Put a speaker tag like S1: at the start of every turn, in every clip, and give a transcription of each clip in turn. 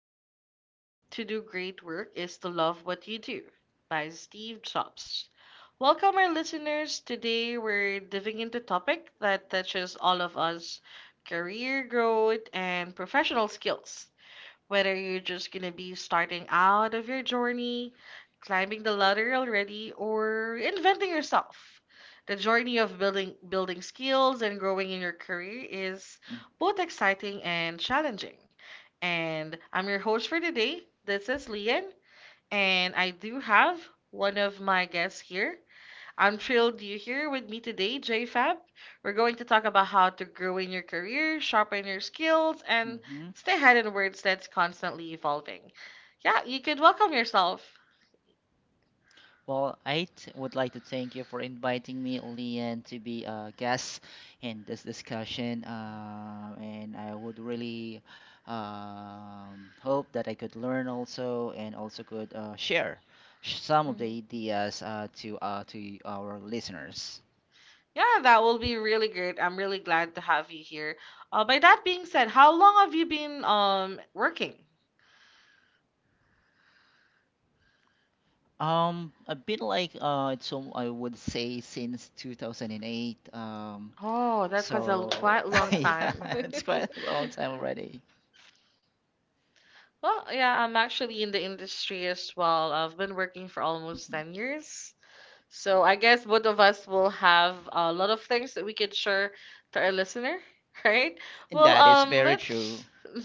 S1: only way to do great work is to love what you do" by Steve Jobs. Welcome, our listeners. Today we're diving into a topic that touches all of us: career growth and professional skills. Whether you're just gonna be starting out of your journey, climbing the ladder already, or inventing yourself. The journey of building skills and growing in your career is both exciting and challenging. And I'm your host for today. This is Lian, and I do have one of my guests here. I'm thrilled you're here with me today, JFab. We're going to talk about how to grow in your career, sharpen your skills, and
S2: Mm-hmm.
S1: stay ahead in words that's constantly evolving. Yeah, you could welcome yourself.
S2: Well, I would like to thank you for inviting me, Lian, to be a guest in this discussion. And I would really hope that I could learn also and also could share some of the
S1: Mhm.
S2: ideas to our listeners.
S1: Yeah, that will be really great. I'm really glad to have you here. By that being said, how long have you been working?
S2: A bit like so I would say since 2008. Um,
S1: Oh, that was a
S2: so
S1: quite long
S2: yeah,
S1: time.
S2: it's quite a long time already.
S1: Well, yeah, I'm actually in the industry as well. I've been working for almost
S2: Mhm.
S1: 10 years. So I guess both of us will have a lot of things that we can share to our listener, right? Well,
S2: That is very
S1: let's.
S2: true.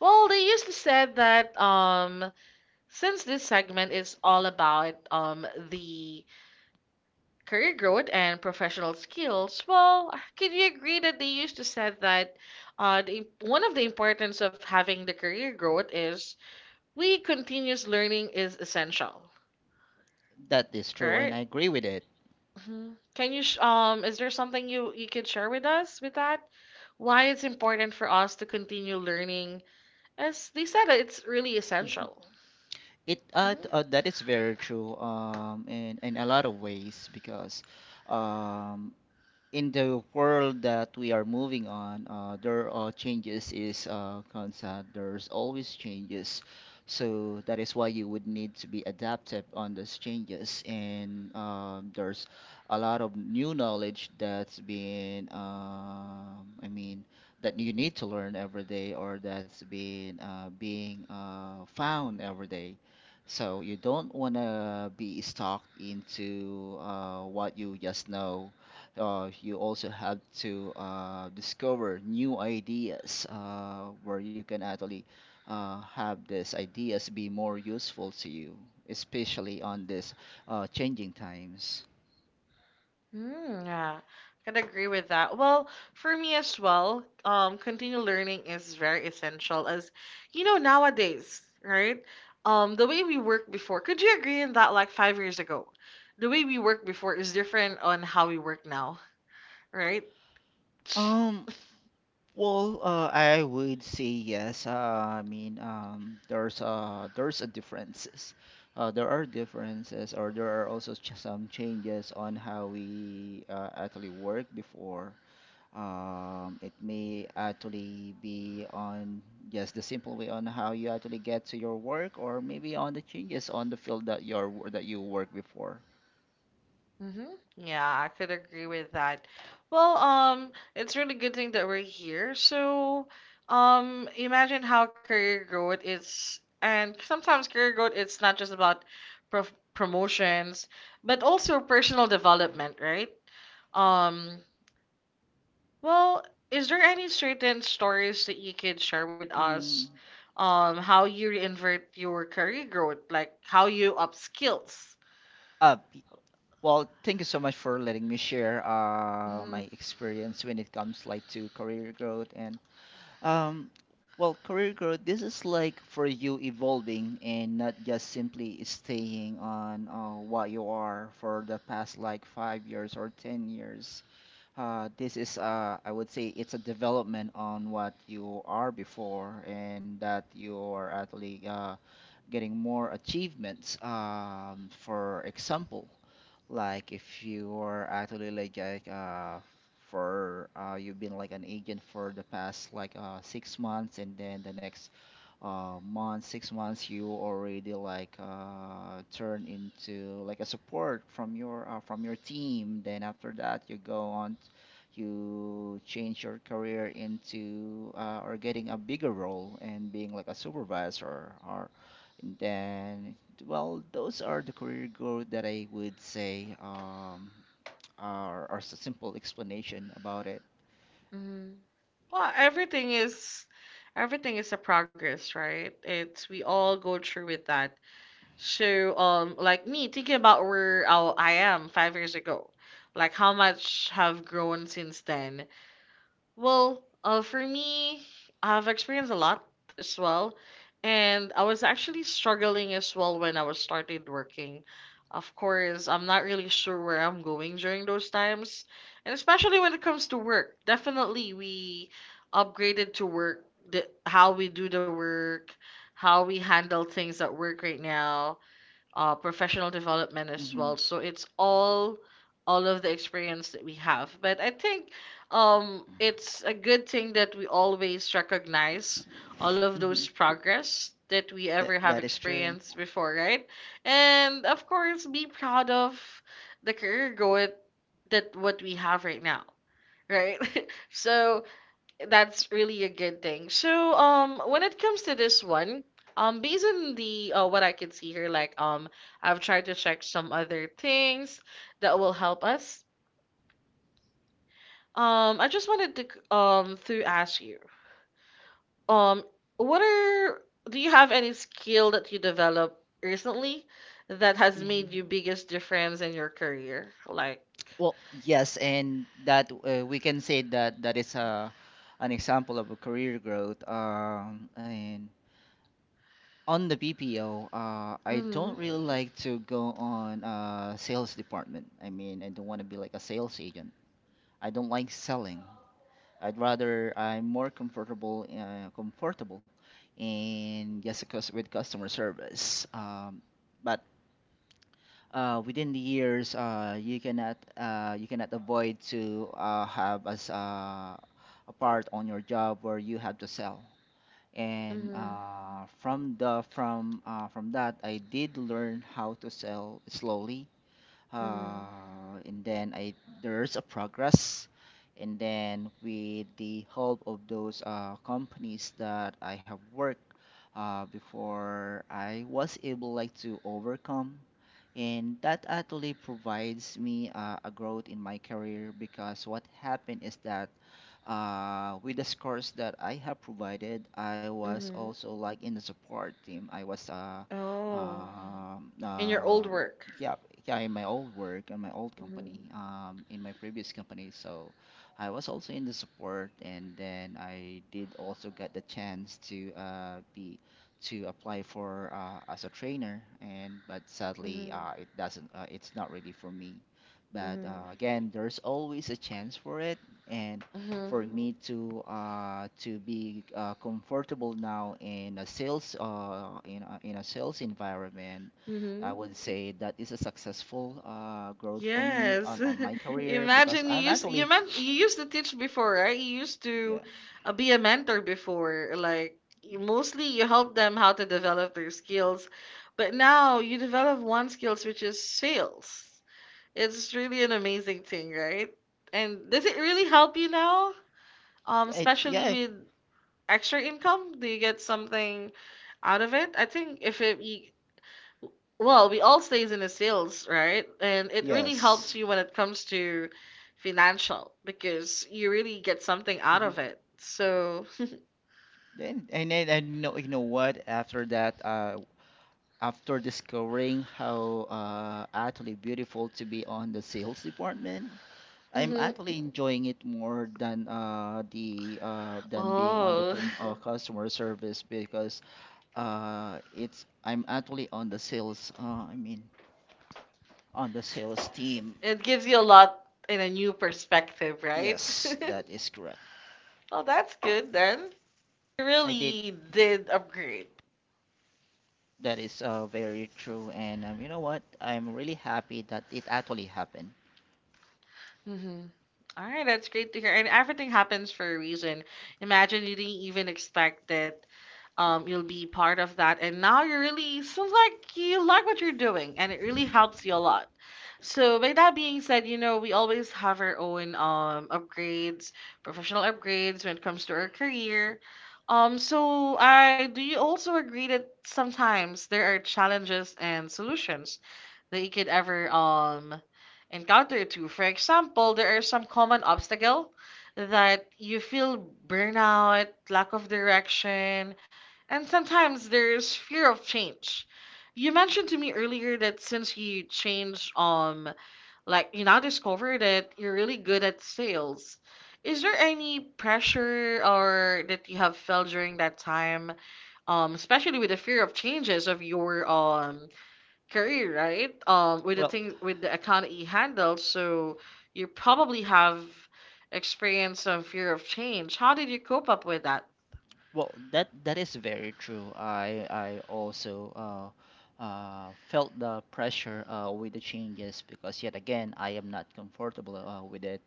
S1: Well, they usually said that since this segment is all about the career growth and professional skills, well, can you agree that they used to said that the, one of the importance of having the career growth is we continuous learning is essential,
S2: That is true, and
S1: right?
S2: I agree with it.
S1: Mhm. Can you is there something you could share with us with that? Why it's important for us to continue learning? As they said, it's really
S2: Mhm.
S1: essential.
S2: It uh, t-
S1: Mm-hmm.
S2: uh, that is very true in a lot of ways because um in the world that we are moving on, there are changes is constant. There's always changes, so that is why you would need to be adaptive on those changes. And there's a lot of new knowledge that's been, I mean, that you need to learn every day, or that's been being found every day. So you don't want to be stuck into what you just know. You also have to discover new ideas where you can actually have these ideas be more useful to you, especially on this changing times.
S1: Mm, yeah, I can agree with that. Well, for me as well, continue learning is very essential. As you know, nowadays, right? The way we work before, could you agree in that? Like 5 years ago, the way we work before is different on how we work now, right?
S2: Um, well, I would say yes. There's a differences. There are differences, or there are also ch some changes on how we actually work before. It may actually be on just the simple way on how you actually get to your work, or maybe on the changes on the field that you work before.
S1: Mm-hmm. Yeah, I could agree with that. Well, it's really good thing that we're here. So, imagine how career growth is, and sometimes career growth it's not just about promotions, but also personal development, right? Um, well, is there any certain stories that you could share with
S2: Mm.
S1: us? How you reinvert your career growth, like how you up skills?
S2: Uh, p- well, thank you so much for letting me share my experience when it comes like to career growth and um, career growth. This is like for you evolving and not just simply staying on what you are for the past like 5 years or 10 years. This, I would say, it's a development on what you are before, and that you're actually getting more achievements. For example, like if you are actually like for you've been like an agent for the past like 6 months, and then the next month 6 months you already turn into like a support from your team. Then after that you you change your career into or getting a bigger role and being like a supervisor or and then well those are the career growth that I would say are s- simple explanation about it.
S1: Mm-hmm. Well, everything is a progress, right? It's we all go through with that. So, like me thinking about where I am 5 years ago, like how much have grown since then, well, for me, I've experienced a lot as well, and I was actually struggling as well when I was started working. Of course, I'm not really sure where I'm going during those times, and especially when it comes to work. Definitely, we upgraded to work, the, how we do the work, how we handle things at work right now professional development as well.
S2: Hmm.
S1: So it's all of the experience that we have. But I think it's a good thing that we always recognize all of those
S2: Hmm.
S1: progress that we
S2: That
S1: ever have
S2: that is true.
S1: experienced before, right? And of course, be proud of the career growth that what we have right now. Right, so that's really a good thing. So, when it comes to this one, based on the what I can see here, like I've tried to check some other things that will help us. I just wanted to to ask you, um, what are do you have any skill that you developed recently that has made you
S2: Hmm.
S1: biggest difference in your career? Like,
S2: Well, yes, and that we can say that that is a an example of a career growth. And on the BPO, I
S1: mm-hmm,
S2: don't really like to go on sales department. I mean, I don't want to be like a sales agent. I don't like selling. I'm more comfortable in yes, with customer service. But within the years, you cannot avoid to have as a part on your job where you have to sell. And
S1: mm-hmm,
S2: from the from that, I did learn how to sell slowly.
S1: mm-hmm,
S2: And then I there's a progress. And then with the help of those companies that I have worked before, I was able like to overcome, and that actually provides me a growth in my career because what happened is that with the scores that I have provided, I was
S1: mm-hmm.
S2: also like in the support team. I was
S1: Oh,
S2: um
S1: in your
S2: uh,
S1: old work.
S2: yeah. Yeah, in my old work and my old company,
S1: Mm-hmm,
S2: in my previous company. So I was also in the support, and then I did also get the chance to be to apply for as a trainer, and but sadly it's not really for me, but
S1: Mhm.
S2: again there's always a chance for it. And
S1: Mhm.
S2: for me to be comfortable now in a sales environment, I
S1: Mhm.
S2: would say that is a successful growth for me
S1: Yes.
S2: on my career because
S1: Imagine you
S2: I'm
S1: used
S2: actually
S1: you meant you used to teach before, right? You used to
S2: yeah
S1: be a mentor before. Like mostly you help them how to develop their skills, but now you develop one skills which is sales. It's really an amazing thing, right? And does it really help you now?
S2: yeah, it,
S1: Especially
S2: yeah
S1: with extra income, do you get something out of it? I think if it, you, well, we all stays in the sales, right? And it really helps
S2: yes.
S1: you when it comes to financial because you really get something out
S2: Mhm.
S1: of it. So,
S2: Then and then I know you know what after that after discovering how actually beautiful to be on the sales department, I'm
S1: hmm
S2: actually enjoying it more than the than being on the
S1: oh,
S2: con customer service, because it's I'm actually on the sales I mean on the sales team.
S1: it gives you a lot in a new perspective, right?
S2: Yes, that is correct.
S1: Well, that's good then. You
S2: I did.
S1: really did upgrade.
S2: That is very true, and you know what? I'm really happy that it actually happened.
S1: Mm-hmm. All right, that's great to hear. And everything happens for a reason. Imagine you didn't even expect it. You'll be part of that and now you really seems like you like what you're doing and it really helps you a lot. So by that being said, you know, we always have our own upgrades, professional upgrades when it comes to our career. So I do you also agree that sometimes there are challenges and solutions that you could ever encounter to. For example, there are some common obstacle that you feel burnout, lack of direction, and sometimes there's fear of change. You mentioned to me earlier that since you changed like you now discover that you're really good at sales. Is there any pressure or that you have felt during that time, especially with the fear of changes of your career, right? With the
S2: Well,
S1: thing with the account that you handle, so you probably have experience of fear of change. How did you cope up with that?
S2: well, that that is very true. I also felt the pressure with the changes because yet again I am not comfortable with it.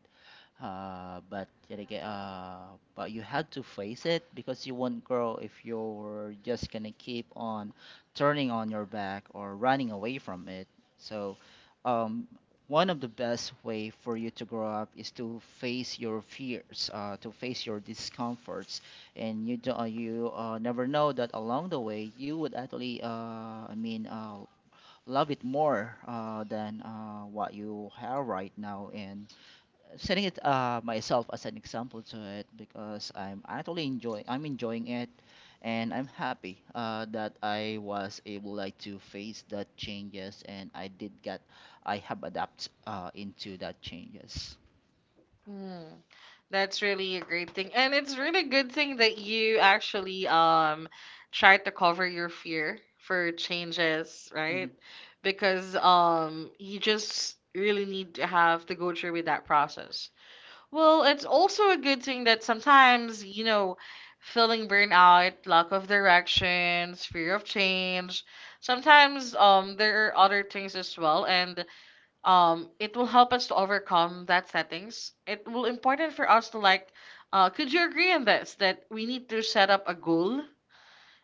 S2: But yet again, but you had to face it because you won't grow if you're just gonna keep on turning on your back or running away from it. So, um, one of the best way for you to grow up is to face your fears, to face your discomforts, and you never know that along the way you would actually, I mean, uh, love it more than what you have right now. And setting it myself as an example to it because I'm actually enjoying I'm enjoying it, and I'm happy that I was able like to face that changes and I did get I have adapt into that changes.
S1: That's really a great thing. And it's really good thing that you actually tried to cover your fear for changes, right?
S2: Hmm.
S1: Because you just really need to have to go through with that process. Well, it's also a good thing that sometimes, you know, feeling burnout, lack of directions, fear of change, sometimes there are other things as well, and it will help us to overcome that settings. It will important for us to like could you agree on this that we need to set up a goal,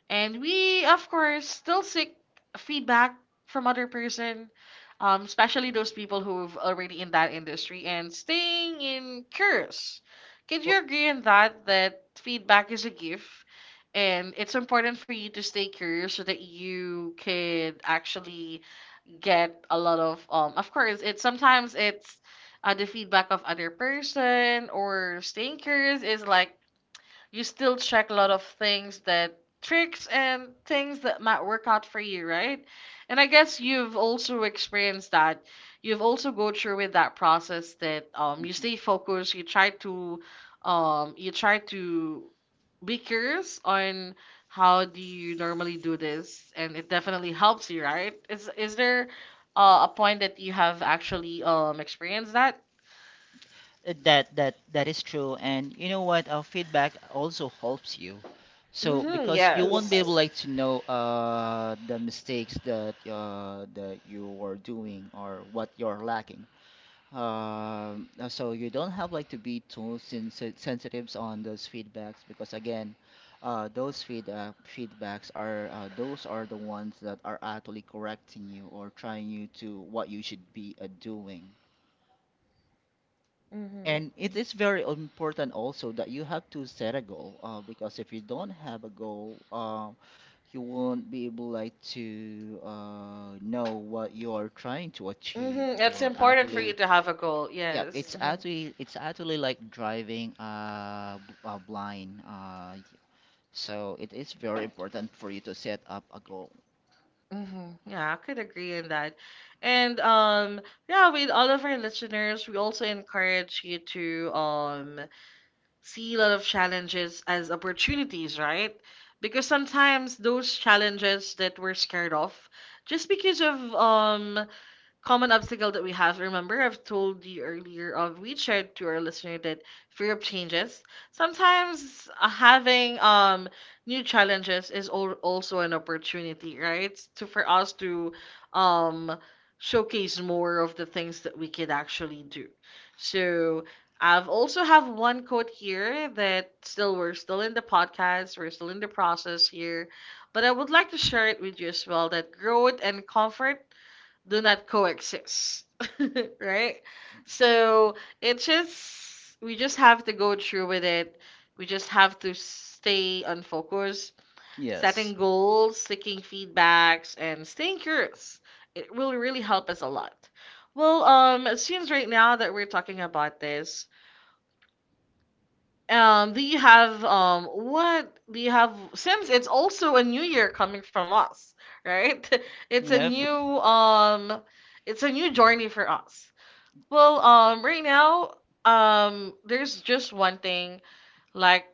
S1: and we of course still seek feedback from other person, especially those people who've already in that industry, and staying in curious. Could
S2: Well,
S1: you agree on that that feedback is a gift and it's important for you to stay curious so that you could actually get a lot of course, it sometimes it's the feedback of other person or stinkers is like you still check a lot of things that tricks and things that might work out for you, right? And I guess you've also experienced that. You've also go through with that process that you stay
S2: hmm,
S1: focused, you try to be curious on how do you normally do this, and it definitely helps you, right? Is there a point that you have actually experienced that?
S2: that that that is true, and you know what, our feedback also helps you so
S1: Mhm,
S2: because you won't be. Yes,
S1: yes.
S2: able like to know the mistakes that that you are doing or what you're lacking. So you don't have like to be too sensitive on those feedbacks because again, those feedbacks are those are the ones that are actually correcting you or trying you to what you should be doing.
S1: Mm-hmm.
S2: And it is very important also that you have to set a goal because if you don't have a goal, you won't be able like to know what you are trying to achieve.
S1: Mm-hmm. It's
S2: You're
S1: important for you
S2: actually,
S1: to have a goal.
S2: yeah,
S1: Yes. Mm-hmm.
S2: it's actually like driving blind. So it is very important for you to set up a goal.
S1: Hmm. Yeah, I could agree in that. And yeah, with all of our listeners, we also encourage you to see a lot of challenges as opportunities, right? Because sometimes those challenges that we're scared of, just because of common obstacle that we have. Remember, I've told you earlier, we shared to our listener that fear of changes. Sometimes having new challenges is also an opportunity, right? To for us to um showcase more of the things that we could actually do. So I've also have one quote here that still we're still in the podcast, we're still in the process here, but I would like to share it with you as well that growth and comfort do not coexist. Right, so it just we just have to go through with it. We just have to stay on focus,
S2: Yes.
S1: setting goals, seeking feedbacks and staying curious. It will really help us a lot. Well, it seems right now that we're talking about this. Do you have what do you have since it's also a new year coming from us, right? It's a
S2: Yep.
S1: new um it's a new journey for us. Well, right now, there's just one thing like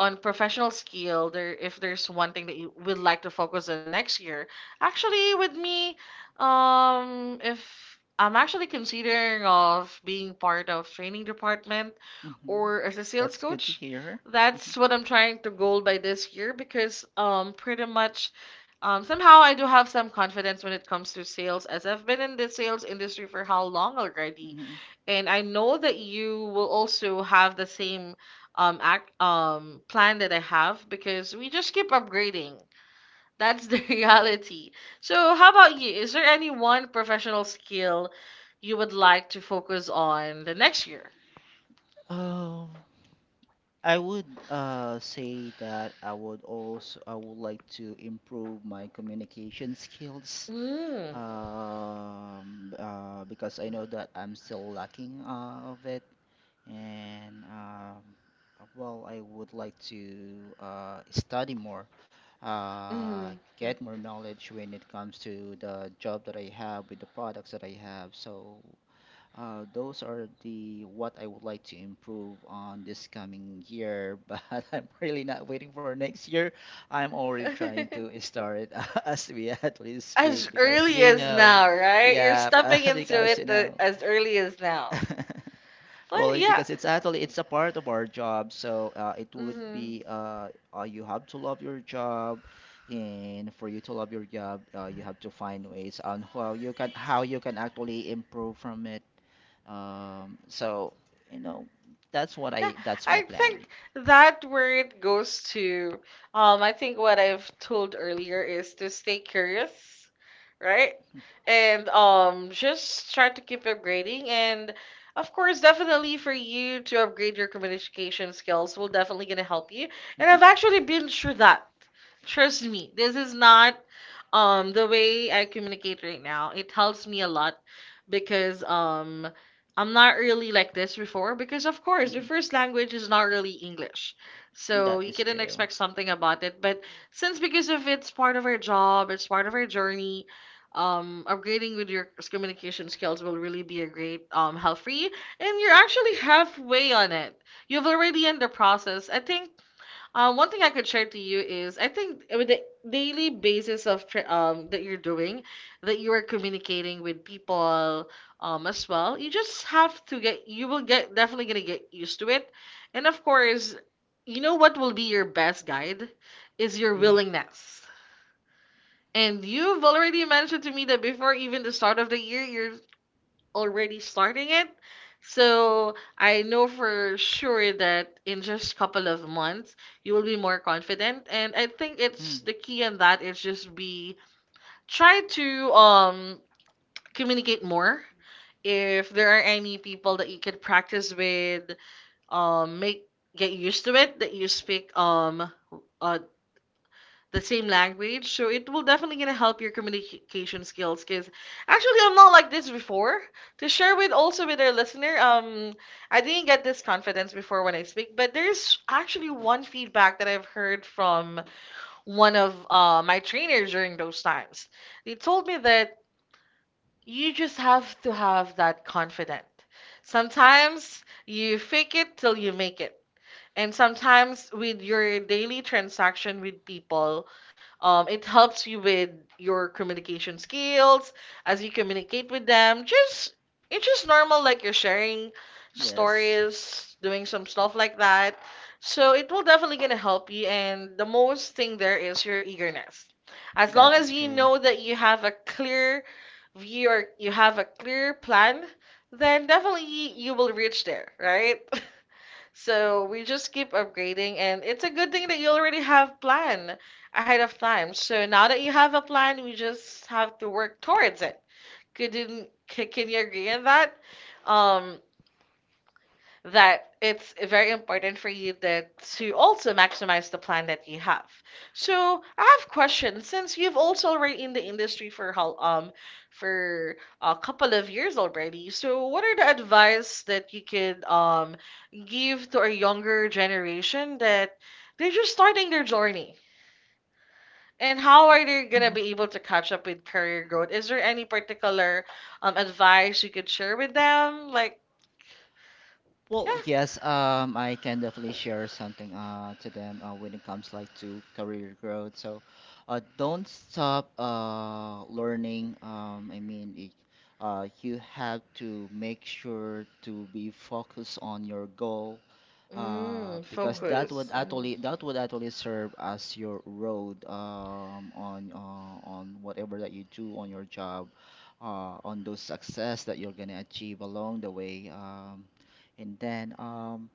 S1: on professional skill there if there's one thing that you would like to focus on next year. Actually with me, if I'm actually considering of being part of training department
S2: Hmm.
S1: or as a sales
S2: That's good to
S1: coach.
S2: hear.
S1: That's what I'm trying to goal by this year because pretty much somehow I do have some confidence when it comes to sales as I've been in the sales industry for how long already,
S2: Hmm.
S1: and I know that you will also have the same act plan that I have because we just keep upgrading. That's the reality. So how about you? Is there any one professional skill you would like to focus on the next year?
S2: Um, I would say that I would also I would like to improve my communication skills.
S1: Mm.
S2: Because I know that I'm still lacking of it. And well, I would like to study more,
S1: Mm.
S2: get more knowledge when it comes to the job that I have with the products that I have. So those are the what I would like to improve on this coming year. But I'm really not waiting for next year. I'm already trying to start it as we at least
S1: As
S2: speak because
S1: early
S2: you
S1: as
S2: know,
S1: now, right? You're
S2: yeah,
S1: stepping into
S2: because you know.
S1: as early as now.
S2: Well,
S1: Well,
S2: it-
S1: yeah.
S2: because it's actually it's a part of our job, so it would
S1: hmm
S2: be you have to love your job, and for you to love your job, you have to find ways on how you can actually improve from it. So you know that's what
S1: Yeah,
S2: I that's my
S1: I
S2: plan.
S1: think that word goes to, I think what I've told earlier is to stay curious, right? And just try to keep upgrading. And of course, definitely for you to upgrade your communication skills will definitely gonna help you. And I've
S2: Mhm,
S1: actually been through that. Trust me, this is not the way I communicate right now, it helps me a lot because I'm not really like this before because of course the
S2: mhm.
S1: first language is not really English. So
S2: That
S1: you
S2: is
S1: couldn't
S2: true.
S1: expect something about it. But since because of it's part of our job, it's part of our journey, upgrading with your communication skills will really be a great help for you. And you're actually halfway on it. You've already in the process. I think one thing I could share to you is I think with the daily basis of that you're doing, that you are communicating with people as well, you just have to get you will get definitely gonna get used to it, and of course, you know what will be your best guide is your
S2: Mm,
S1: willingness. And you've already mentioned to me that before even the start of the year, you're already starting it. So I know for sure that in just couple of months you will be more confident. And I think it's
S2: mm.
S1: the key in that is just be try to communicate more. If there are any people that you can practice with, make get used to it that you speak uh the same language. So it will definitely gonna help your communication skills. Cause actually, I'm not like this before. To share with also with our listener, I didn't get this confidence before when I speak, but there's actually one feedback that I've heard from one of my trainers during those times. They told me that you just have to have that confident. Sometimes you fake it till you make it. And sometimes with your daily transaction with people, it helps you with your communication skills as you communicate with them. Just it's just normal, like you're sharing
S2: Yes,
S1: stories, doing some stuff like that. So it will definitely gonna help you. And the most thing there is your eagerness. As
S2: that
S1: long
S2: is
S1: as you
S2: true.
S1: know that you have a clear view or you have a clear plan, then definitely you will reach there, right? So we just keep upgrading, and it's a good thing that you already have plan ahead of time. So now that you have a plan, we just have to work towards it. Can you agree on that? Um, that it's very important for you that to also maximize the plan that you have. So I have questions since you've also already in the industry for how for a couple of years already. So what are the advice that you could give to a younger generation that they're just starting their journey? And how are they gonna
S2: Mm-hmm.
S1: be able to catch up with career growth? Is there any particular advice you could share with them? Like
S2: Well,
S1: yeah.
S2: yes, I can definitely share something to them when it comes like to career growth. So, don't stop learning. You have to make sure to be focused on your goal
S1: Mm,
S2: because
S1: focus.
S2: that would actually serve as your road on whatever that you do on your job on those success that you're gonna achieve along the way. And then,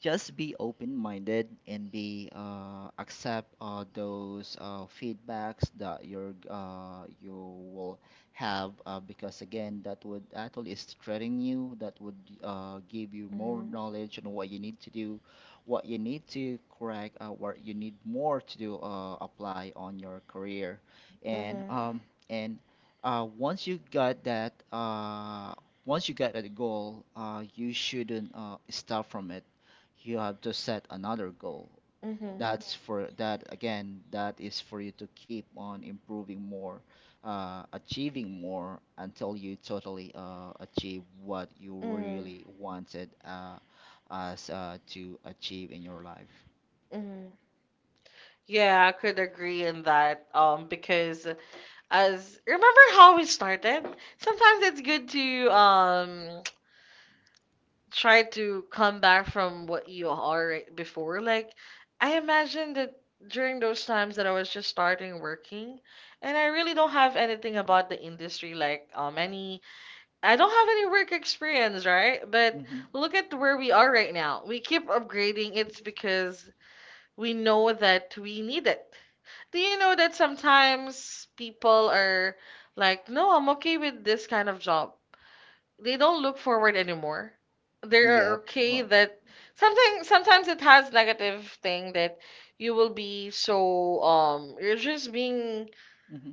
S2: just be open-minded and be accept those feedbacks that you're you will have because again that would actually strengthen you, that would give you more
S1: Mhm.
S2: knowledge on what you need to do, what you need to correct what you need more to do apply on your career. And
S1: Mhm.
S2: and once you got that once you got that goal, you shouldn't stop from it, you have to set another goal.
S1: Mhm.
S2: That's for that again, that is for you to keep on improving more, achieving more until you totally achieve what you
S1: Mhm.
S2: really wanted us to achieve in your life.
S1: Mhm. Yeah, I could agree in that. Because as remember how we started, sometimes it's good to try to come back from what you are right before. Like, I imagine that during those times that I was just starting working, and I really don't have anything about the industry. Like, any I don't have any work experience, right? But
S2: Hmm.
S1: look at where we are right now. We keep upgrading. It's because we know that we need it. Do you know that sometimes people are like, no, I'm okay with this kind of job. They don't look forward anymore. They are
S2: Yep.
S1: okay
S2: Well,
S1: that something sometimes it has negative thing that you will be so you're just being
S2: mhm.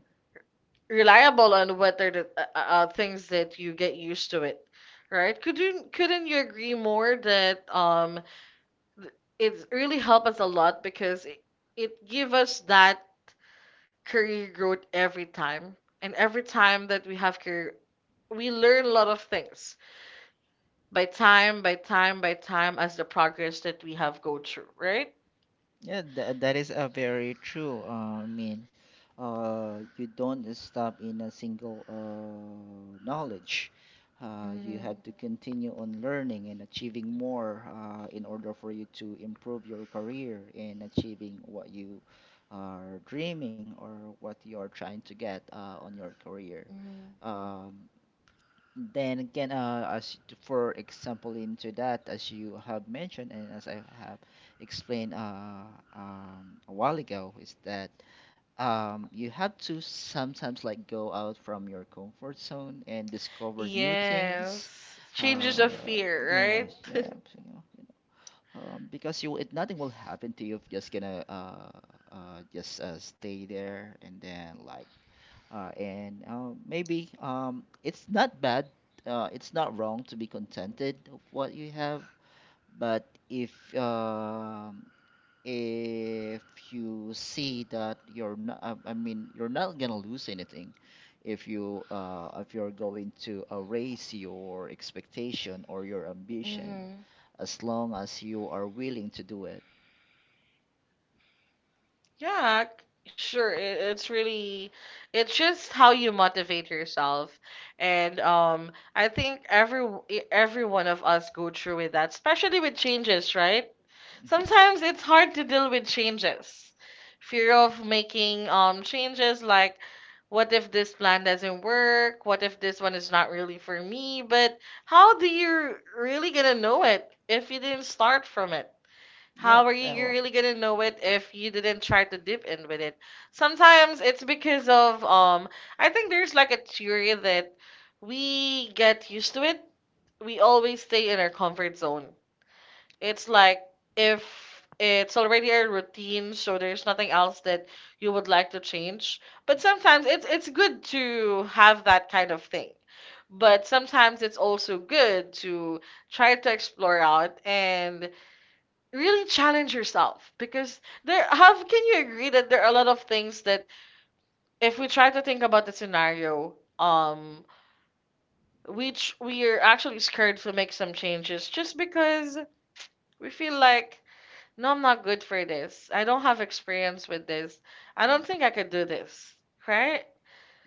S1: reliable on whether are the things that you get used to it, right? Couldn't you agree more that it's really helped us a lot because it give us that career growth every time. And every time that we have career, we learn a lot of things by time, by time, by time as the progress that we have go through, right?
S2: Yeah, that is a very true. I mean, you don't stop in a single knowledge. You
S1: Mhm,
S2: have to continue on learning and achieving more in order for you to improve your career in achieving what you are dreaming or what you are trying to get on your career.
S1: mhm.
S2: Um, then again, as for example, into that, as you have mentioned and as I have explained a while ago, is that you have to sometimes like go out from your comfort zone and discover new. Mm-hmm.
S1: Yes.
S2: Things. Uh,
S1: Changes of
S2: yeah,
S1: fear,
S2: yeah,
S1: right?
S2: so, you know, because you it, nothing will happen to you if you're just gonna just stay there and then like and maybe it's not bad. It's not wrong to be contented of what you have. But if um if you see that you're not, I mean, you're not gonna lose anything if you if you're going to raise your expectation or your ambition,
S1: Mhm.
S2: as long as you are willing to do it.
S1: Yeah, sure. It's really, it's just how you motivate yourself, and I think every one of us go through with that, especially with changes, right? Sometimes it's hard to deal with changes. Fear of making changes like what if this plan doesn't work? What if this one is not really for me? But how do you really gonna know it if you didn't start from it? How
S2: Yep.
S1: are
S2: Uh,
S1: you
S2: well,
S1: really gonna know it if you didn't try to dip in with it? Sometimes it's because of I think there's like a theory that we get used to it. We always stay in our comfort zone, it's like, if it's already a routine, so there's nothing else that you would like to change. But sometimes it's good to have that kind of thing. But sometimes it's also good to try to explore out and really challenge yourself because there how can you agree that there are a lot of things that if we try to think about the scenario, which we are actually scared to make some changes just because we feel like, no, I'm not good for this. I don't have experience with this. I don't think I could do this. Right?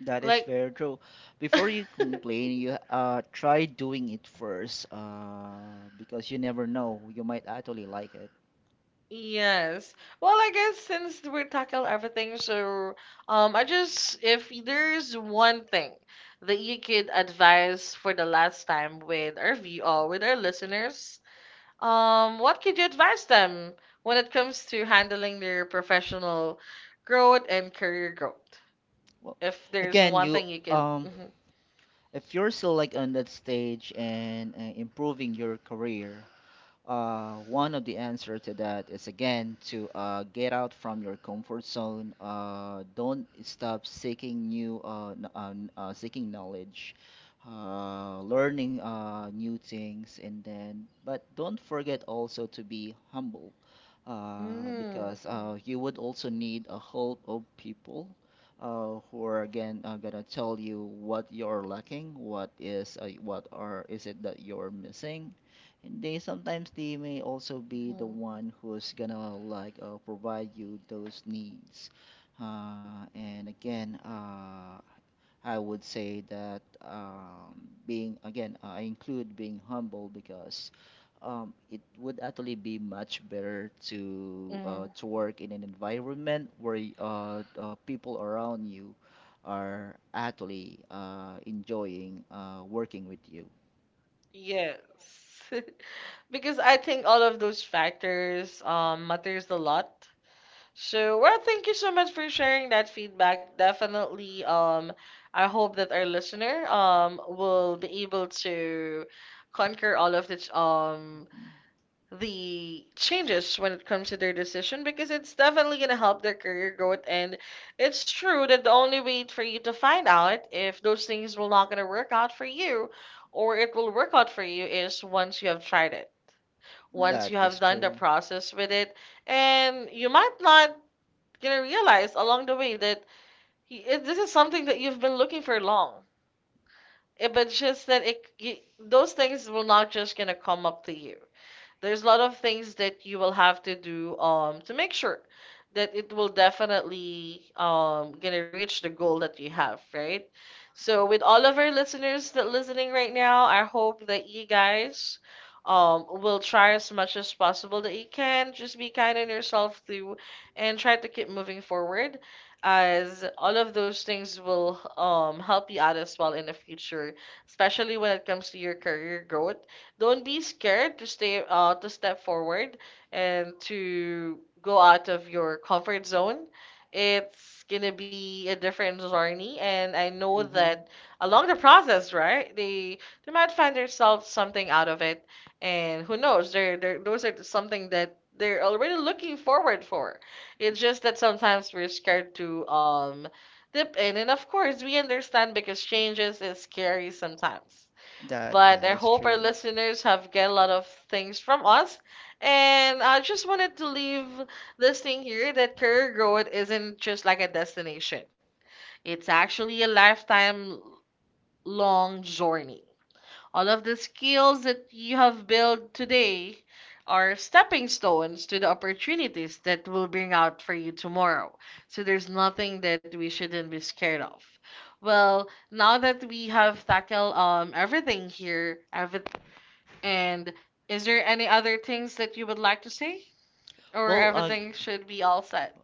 S2: that is
S1: Like
S2: very true. Before you complain, you try doing it first, because you never know, you might actually like it.
S1: yes. Well, I guess since we tackle everything, so I just if there's one thing that you could advise for the last time with our VO, with our listeners, what could you advise them when it comes to handling their professional growth and career growth?
S2: Well,
S1: If there's
S2: again,
S1: one
S2: you
S1: thing you could,
S2: if you're still like on that stage and improving your career, one of the answer to that is again to get out from your comfort zone. Don't stop seeking new seeking knowledge, learning new things, and then but don't forget also to be humble,
S1: mm-hmm,
S2: because you would also need a help of people. Who are again gonna tell you what you're lacking, what is what are is it that you're missing, and they sometimes they may also be the
S1: hmm
S2: one who's gonna like provide you those needs. And again, I would say that being again, I include being humble because it would actually be much better
S1: mm,
S2: to work in an environment where people around you are actually enjoying working with you.
S1: yes. Because I think all of those factors matters a lot. So, well, thank you so much for sharing that feedback. Definitely, I hope that our listener will be able to conquer all of this the changes when it comes to their decision because it's definitely going to help their career growth, and it's true that the only way for you to find out if those things will not going to work out for you or it will work out for you is once you have tried it, once you
S2: That
S1: have
S2: is
S1: done the
S2: true.
S1: process with it, and you might not gonna realize along the way that this is something that you've been looking for long. Eh, but just that it you, those things will not just gonna come up to you, there's a lot of things that you will have to do to make sure that it will definitely gonna reach the goal that you have, right? So with all of our listeners that listening right now, I hope that you guys will try as much as possible that you can. Just be kind on yourself too and try to keep moving forward as all of those things will help you out as well in the future, especially when it comes to your career growth. Don't be scared to stay to step forward and to go out of your comfort zone. It's gonna be a different journey, and I know
S2: Mm-hmm.
S1: that along the process, right, they might find themselves something out of it, and who knows, they're those are something that they're already looking forward for. It's just that sometimes we're scared to dip in, and of course we understand because changes is scary sometimes,
S2: That
S1: but
S2: that
S1: I
S2: is
S1: hope our
S2: true.
S1: listeners have get a lot of things from us. And I just wanted to leave this thing here that career growth isn't just like a destination. It's actually a lifetime long journey. All of the skills that you have built today are stepping stones to the opportunities that will bring out for you tomorrow. So there's nothing that we shouldn't be scared of. Well, now that we have tackled everything here, every. And is there any other things that you would like to say? Or
S2: Well, uh, g-
S1: everything should be all set?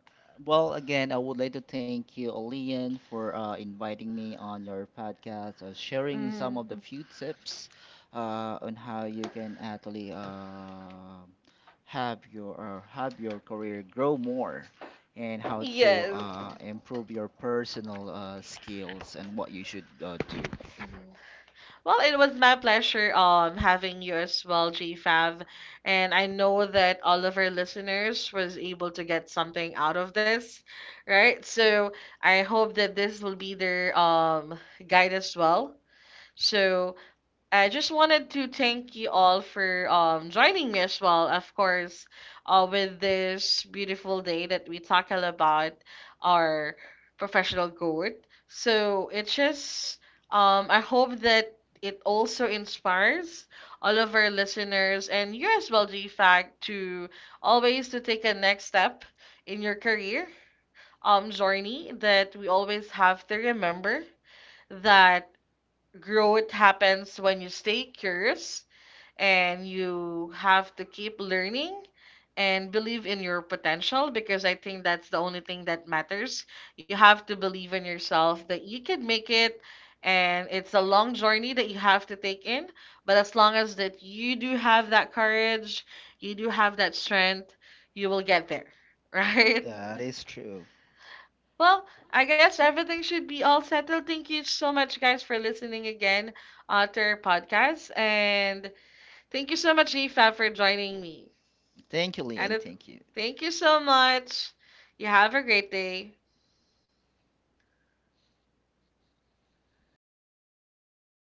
S2: well, again, I would like to thank you, Olean, for inviting me on your podcast, sharing some of
S1: Mm.
S2: the few tips on how you can actually have your career grow more, and how to
S1: Yes.
S2: improve your personal skills and what you should do.
S1: Mhm. Well, it was my pleasure having you as well, GFAV. And I know that all of our listeners was able to get something out of this, right? So I hope that this will be their guide as well. So I just wanted to thank you all for joining me as well, of course, with this beautiful day that we talk all about our professional growth. So it's just I hope that it also inspires all of our listeners and you as well, G fact, to always to take a next step in your career journey that we always have to remember that growth happens when you stay curious and you have to keep learning and believe in your potential because I think that's the only thing that matters. You have to believe in yourself that you can make it, and it's a long journey that you have to take in, but as long as that you do have that courage, you do have that strength, you will get there, right?
S2: That is true.
S1: Well, I guess everything should be all settled. Thank you so much, guys, for listening again to our podcast. And thank you so much, Fab, for joining me.
S2: Thank you,
S1: And
S2: Leon. Thank you.
S1: thank you so much. You have a great day.